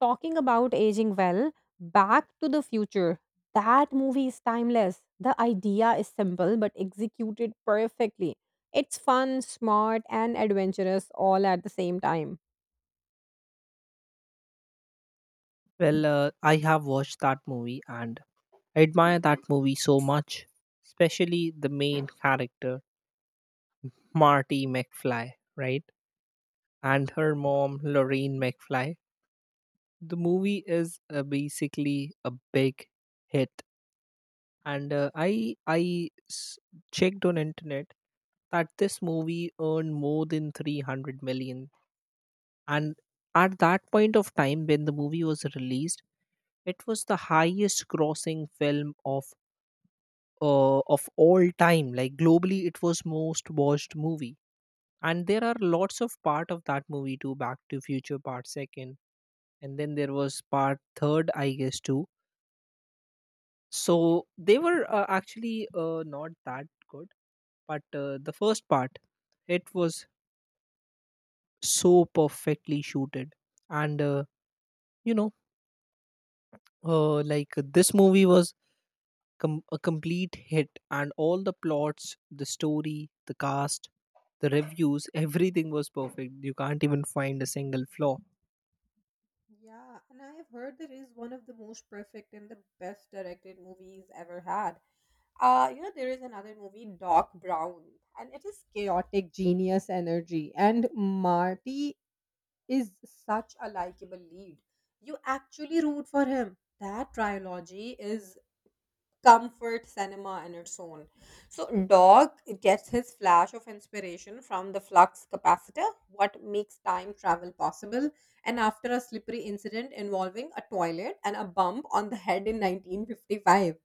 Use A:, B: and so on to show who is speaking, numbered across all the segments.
A: Talking about aging well, Back to the Future. That movie is timeless. The idea is simple but executed perfectly. It's fun, smart, and adventurous all at the same time.
B: I have watched that movie and I admire that movie so much, especially the main character, Marty McFly, right? And her mom, Lorraine McFly. The movie is basically a big hit. And I s- Checked on internet that this movie earned more than 300 million, and at that point of time when the movie was released it was the highest grossing film of of all time. Like globally it was most watched movie, and there are lots of part of that movie too. Back to future part second, and then there was part third I guess too. So they were actually not that good, but the first part, it was so perfectly shooted. And uh, you know uh, like this movie was a complete hit, and all the plots, the story, the cast, the reviews, everything was perfect. You can't even find a single flaw.
A: Yeah, and I have heard that it is one of the most perfect and the best directed movies ever had. There is another movie, Doc Brown, and it is chaotic genius energy. And Marty is such a likable lead. You actually root for him. That trilogy is comfort cinema in its own. So, Dog gets his flash of inspiration from the flux capacitor, what makes time travel possible, and after a slippery incident involving a toilet and a bump on the head in 1955.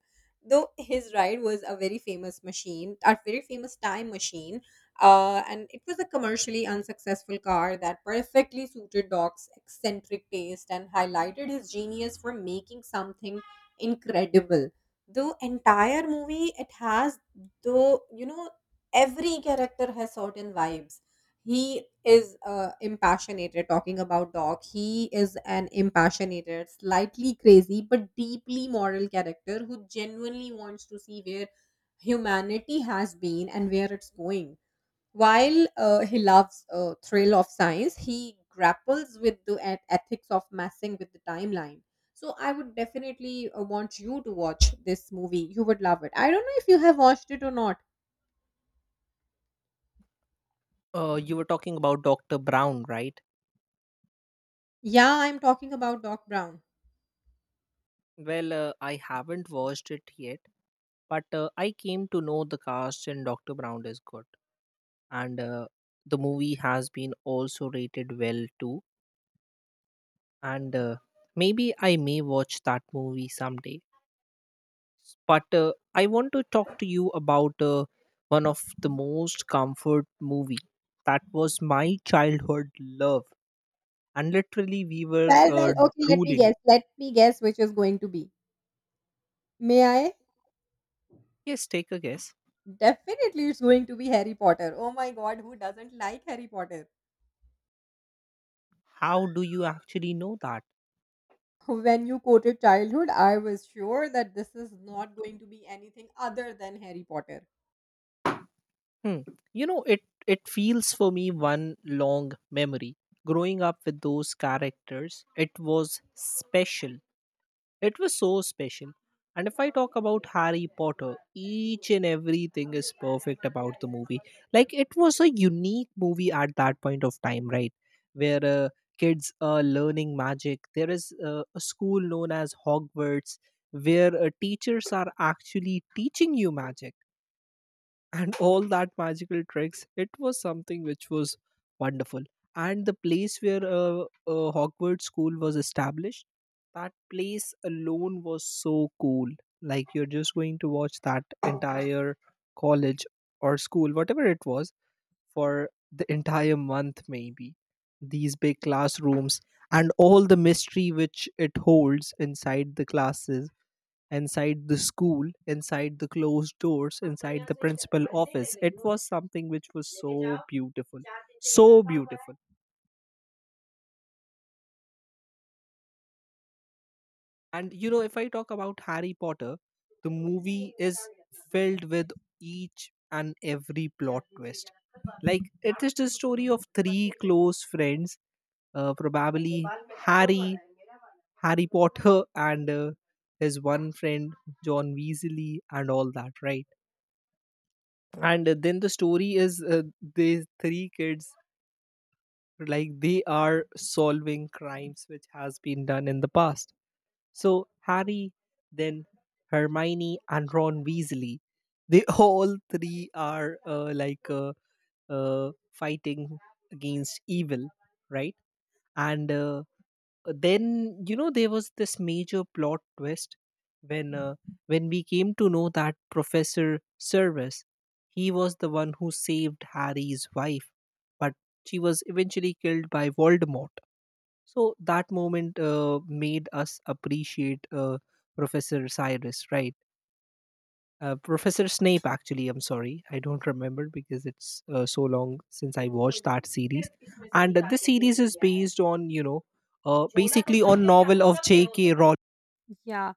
A: Though his ride was a very famous machine, a very famous time machine, and it was a commercially unsuccessful car that perfectly suited Doc's eccentric taste and highlighted his genius for making something incredible. The entire movie, it has, though, every character has certain vibes. He is impassionated. Talking about Dog, he is an impassionated, slightly crazy but deeply moral character who genuinely wants to see where humanity has been and where it's going. While he loves thrill of science, he grapples with the ethics of messing with the timeline. So I would definitely want you to watch this movie. You would love it. I don't know if you have watched it or not.
B: You were talking about Dr. Brown, right?
A: Yeah, I'm talking about Doc Brown.
B: Well, I haven't watched it yet, but I came to know the cast in Dr. Brown is good, and the movie has been also rated well too. And Maybe I may watch that movie someday, but I want to talk to you about one of the most comfort movie that was my childhood love, and literally we were
A: Well, well, okay, let me
B: drooling.
A: guess. Let me guess which is going to be. May I?
B: Yes, take a guess.
A: Definitely, it's going to be Harry Potter. Oh my god, who doesn't like Harry Potter?
B: How do you actually know that?
A: When you quoted childhood, I was sure that this is not going to be anything other than Harry Potter.
B: Hmm. You know, it feels for me one long memory. Growing up with those characters, it was special. It was so special. And if I talk about Harry Potter, each and everything is perfect about the movie. Like it was a unique movie at that point of time, right? Where kids are learning magic. There is a school known as Hogwarts where teachers are actually teaching you magic and all that magical tricks. It was something which was wonderful. And the place where Hogwarts School was established, that place alone was so cool. Like you're just going to watch that entire college or school, whatever it was, for the entire month, maybe. These big classrooms and all the mystery which it holds inside the classes, inside the school, inside the closed doors, inside the principal office. It was something which was so beautiful, so beautiful. And you know, if I talk about Harry Potter, the movie is filled with each and every plot twist. Like, it is the story of three close friends, probably Harry, Harry Potter, and his one friend, John Weasley, and all that, right? And then the story is, these three kids, like they are solving crimes which has been done in the past. So Harry, then Hermione and Ron Weasley, they all three are fighting against evil, right? and Then you know there was this major plot twist when, when we came to know that Professor Service, he was the one who saved Harry's wife, but she was eventually killed by Voldemort. So that moment made us appreciate Professor Cyrus, right? Professor Snape, actually. I'm sorry, I don't remember because it's so long since I watched that series. And this series is based on, you know, basically on novel of J.K. Rowling.
A: Yeah.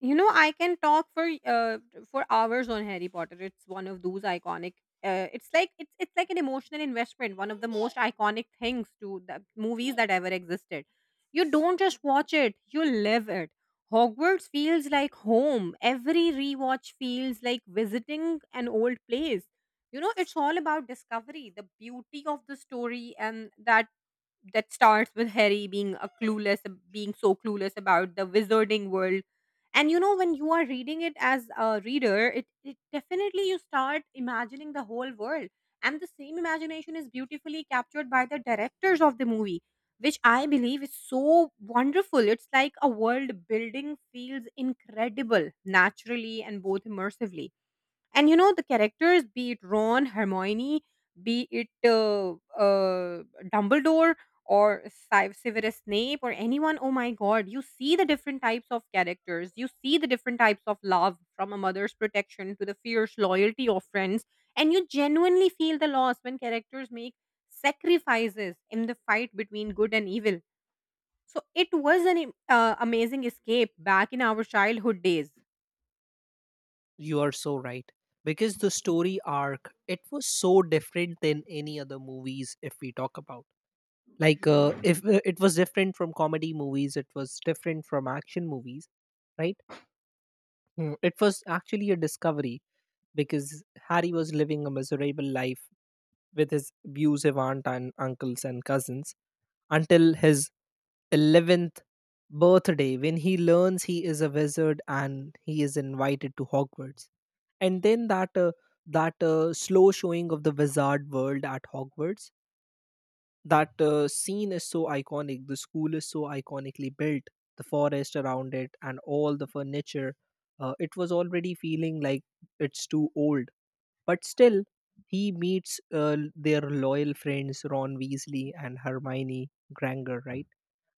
A: I can talk for for hours on Harry Potter. It's one of those iconic. It's like it's like an emotional investment. One of the most iconic things to the movies that ever existed. You don't just watch it; you live it. Hogwarts feels like home. Every rewatch feels like visiting an old place. It's all about discovery, the beauty of the story, and that starts with Harry being so clueless about the wizarding world. And when you are reading it as a reader, it definitely you start imagining the whole world. And the same imagination is beautifully captured by the directors of the movie, which I believe is so wonderful. It's like a world building feels incredible naturally and both immersively. And the characters, be it Ron, Hermione, be it uh, Dumbledore or Severus Snape or anyone, oh my God, you see the different types of characters. You see the different types of love from a mother's protection to the fierce loyalty of friends. And you genuinely feel the loss when characters make sacrifices in the fight between good and evil. So it was an amazing escape back in our childhood days.
B: You are so right, because the story arc, it was so different than any other movies. If we talk about, like if it was different from comedy movies, it was different from action movies, right? Mm, it was actually a discovery because Harry was living a miserable life with his abusive aunt and uncles and cousins until his 11th birthday when he learns he is a wizard and he is invited to Hogwarts. And then that that slow showing of the wizard world at Hogwarts, that scene is so iconic. The school is so iconically built, the forest around it and all the furniture, it was already feeling like it's too old, but still, he meets their loyal friends Ron Weasley and Hermione Granger, right?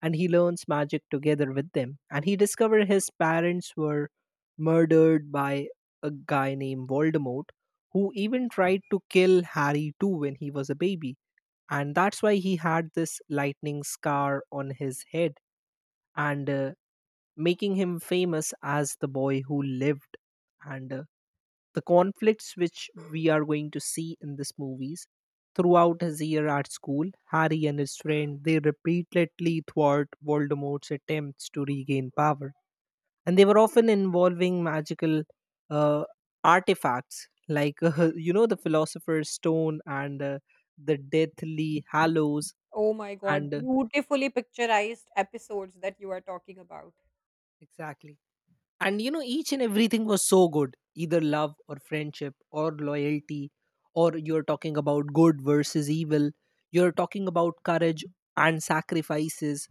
B: And he learns magic together with them. And he discovers his parents were murdered by a guy named Voldemort, who even tried to kill Harry too when he was a baby. And that's why he had this lightning scar on his head. And Making him famous as the boy who lived. And The conflicts which we are going to see in this movies throughout his year at school, Harry and his friend, they repeatedly thwart Voldemort's attempts to regain power, and they were often involving magical uh, artifacts like you know, the philosopher's stone and the deathly hallows.
A: Oh my God,
B: And
A: beautifully picturized episodes that you are talking about.
B: Exactly. And you know, each and everything was so good, either love or friendship or loyalty, or you're talking about good versus evil, you're talking about courage and sacrifices.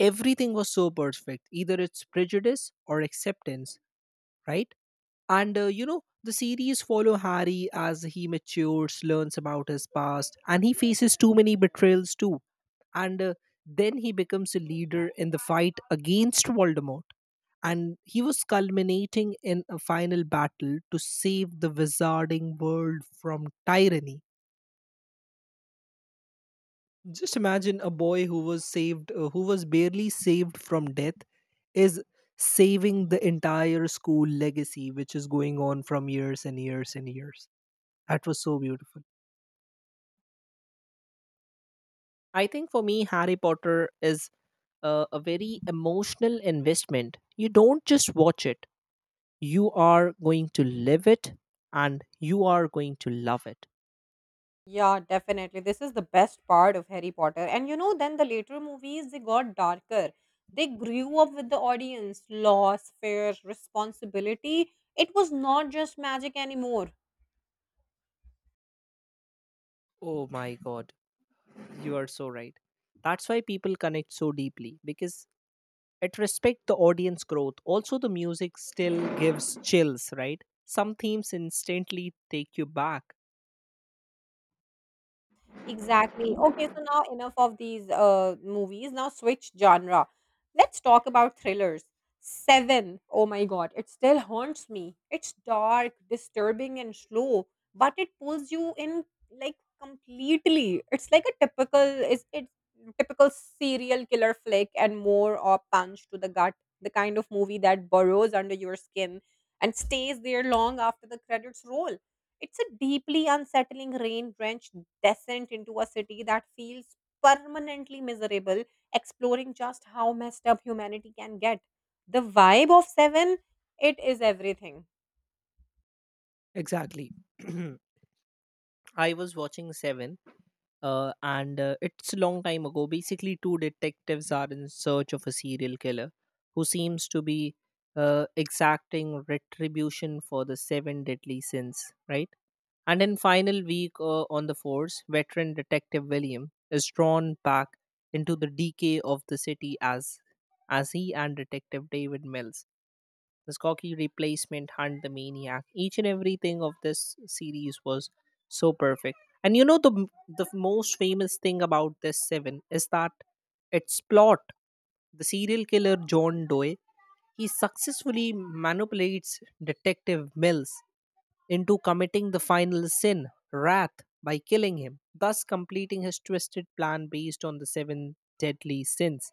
B: Everything was so perfect, either it's prejudice or acceptance, right? And you know, the series follow Harry as he matures, learns about his past, and he faces too many betrayals too. And Then he becomes a leader in the fight against Voldemort, and he was culminating in a final battle to save the wizarding world from tyranny. Just imagine a boy who was saved, who was barely saved from death, is saving the entire school legacy, which is going on from years and years and years. That was so beautiful. I think for me, Harry Potter is a very emotional investment. You don't just watch it, you are going to live it and you are going to love it.
A: Yeah, definitely. This is the best part of Harry Potter. And then the later movies, they got darker. They grew up with the audience, loss, fear, responsibility. It was not just magic anymore.
B: Oh my God, you are so right. That's why people connect so deeply, because it respect the audience growth. Also, the music still gives chills, right? Some themes instantly take you back.
A: Exactly. Okay, so now enough of these movies. Now switch genre. Let's talk about thrillers. Seven. Oh my god, it still haunts me. It's dark, disturbing, and slow, but it pulls you in like completely. It's like a typical, is it typical, serial killer flick and more or punch to the gut. The kind of movie that burrows under your skin and stays there long after the credits roll. It's a deeply unsettling, rain drenched descent into a city that feels permanently miserable, exploring just how messed up humanity can get. The vibe of Seven, it is everything.
B: Exactly. I was watching Seven, and it's a long time ago. Basically, two detectives are in search of a serial killer who seems to be exacting retribution for the seven deadly sins, right? And in final week on the force, veteran detective William is drawn back into the decay of the city as he and detective David Mills, the Skokie replacement, Hunt the Maniac. Each and everything of this series was so perfect. And you know the most famous thing about this seven is that its plot. The serial killer John Doe, he successfully manipulates Detective Mills into committing the final sin, wrath, by killing him, thus completing his twisted plan based on the seven deadly sins.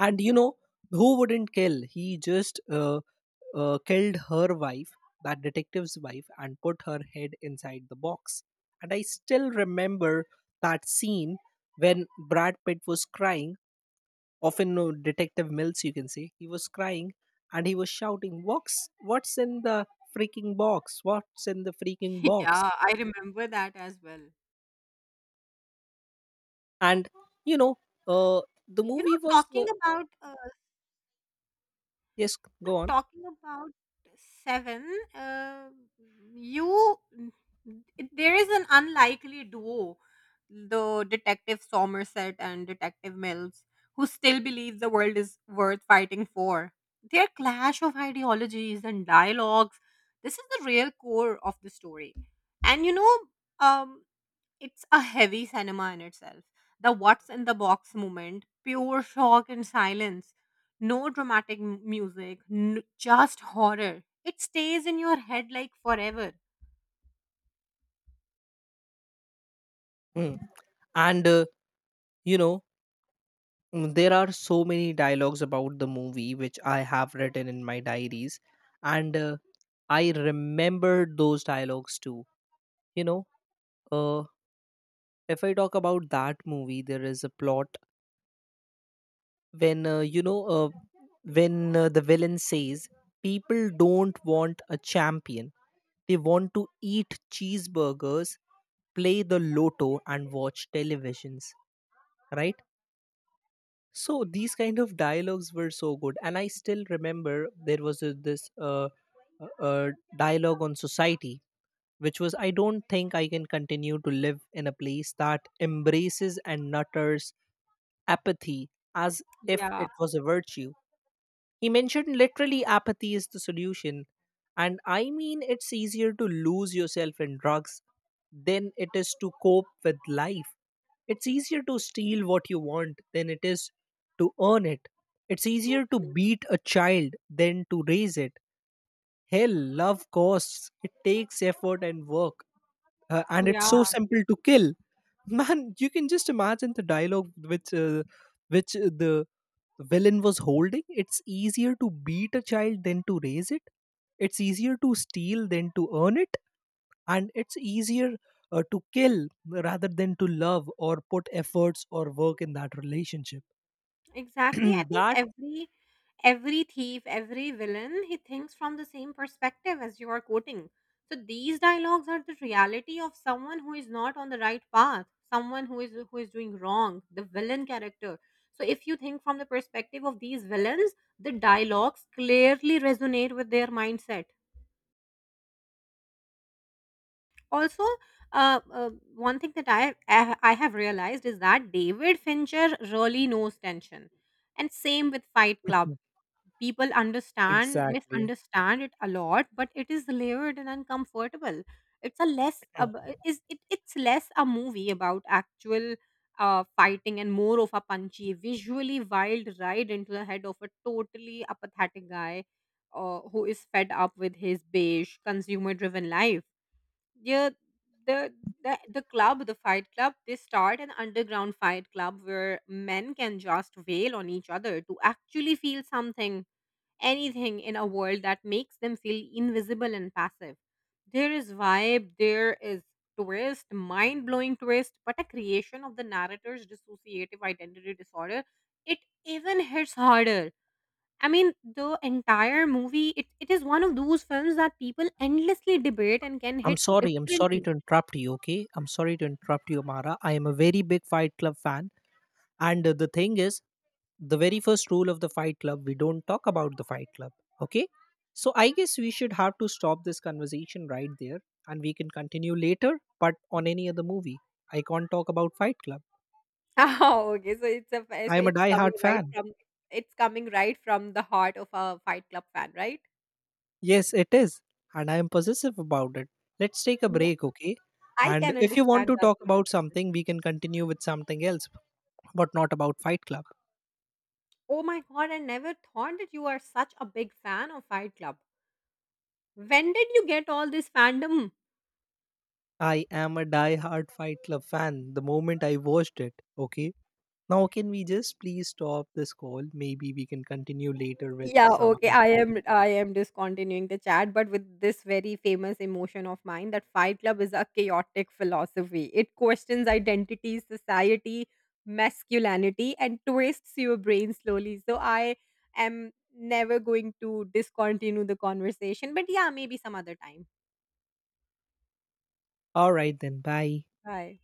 B: And you know, who wouldn't kill? He just killed her wife, that detective's wife, and put her head inside the box. And I still remember that scene when Brad Pitt was crying, often no Detective Mills you can say, he was crying and he was shouting, what's in the freaking box? What's in the freaking box?
A: Yeah, I remember that as well.
B: And you know, uh, the
A: You know,
B: movie was
A: talking about
B: yes,
A: Not
B: go on.
A: talking about seven. Uh, you, there is an unlikely duo, the Detective Somerset and Detective Mills, who still believe the world is worth fighting for. Their clash of ideologies and dialogues. This is the real core of the story, and um, it's a heavy cinema in itself. The what's in the box moment, pure shock and silence, no dramatic music, just horror. It stays in your head like forever.
B: Mm. and you know, mm, there are so many dialogues about the movie which I have written in my diaries, and I remember those dialogues too. You know, uh, if I talk about that movie, there is a plot when, the villain says, "People don't want a champion, they want to eat cheeseburgers, play the lotto, and watch televisions," right? So these kind of dialogues were so good, and I still remember there was this uh, uh, dialogue on society, which was, "I don't think I can continue to live in a place that embraces and nutters apathy as if
A: Yeah,
B: it was a virtue." He mentioned literally apathy is the solution. And I mean, it's easier to lose yourself in drugs than it is to cope with life. It's easier to steal what you want than it is to earn it. It's easier to
A: totally.
B: beat a child than to raise it. Hell, love costs. It takes effort and work. And it's so simple to kill. Man, you can just imagine the dialogue which the villain was holding. It's easier to beat a child than to raise it. It's easier to steal than to earn it. And it's easier to kill rather than to love or put efforts or work in that relationship.
A: Exactly. I think
B: That
A: every thief, every villain, he thinks from the same perspective as you are quoting. So these dialogues are the reality of someone who is not on the right path, someone who is doing wrong, the villain character. So if you think from the perspective of these villains, the dialogues clearly resonate with their mindset. Also, one thing that I have realized is that David Fincher really knows tension, and same with Fight Club. People understand,
B: exactly.
A: misunderstand it a lot, but it is layered and uncomfortable. It's a less ab- is it, it's less a movie about actual fighting and more of a punchy, visually wild ride into the head of a totally apathetic guy who is fed up with his beige consumer driven life. Yeah, the the club, the fight club, they start an underground fight club where men can just wail on each other to actually feel something, anything in a world that makes them feel invisible and passive. There is vibe, there is twist, mind blowing twist, but a creation of the narrator's dissociative identity disorder, it even hits harder. I mean, the entire movie, it is one of those films that people endlessly debate and can
B: I'm
A: hit
B: sorry. I'm sorry
A: differently.
B: to interrupt you. Okay. I'm sorry to interrupt you, Amara. I am a very big Fight Club fan. And the thing is, the very first rule of the fight club, we don't talk about the fight club, okay? So I guess we should have to stop this conversation right there, and we can continue later. But on any other movie, I can't talk about fight club.
A: Oh, okay.
B: I
A: So
B: am a
A: it's
B: die
A: coming
B: hard
A: right
B: fan.
A: from it's coming right from the heart of a Fight Club fan, right?
B: Yes, it is. And I am possessive about it. Let's take a
A: Yeah,
B: break, okay?
A: I
B: And
A: can
B: if you want
A: understand
B: to
A: that.
B: talk about something, we can continue with something else, but not about fight club.
A: Oh my god, I never thought that you are such a big fan of Fight Club. When did you get all this fandom?
B: I am a die hard fight club fan the moment I watched it. Okay. Now, can we just please stop this call? Maybe we can continue later with
A: Yeah,
B: some
A: okay.
B: other
A: I am
B: topic.
A: I am discontinuing the chat, but with this very famous emotion of mine that Fight Club is a chaotic philosophy. It questions identity, society, masculinity, and twists your brain slowly. So I am never going to discontinue the conversation. But yeah, maybe some other time.
B: All right, then. Bye.
A: Bye.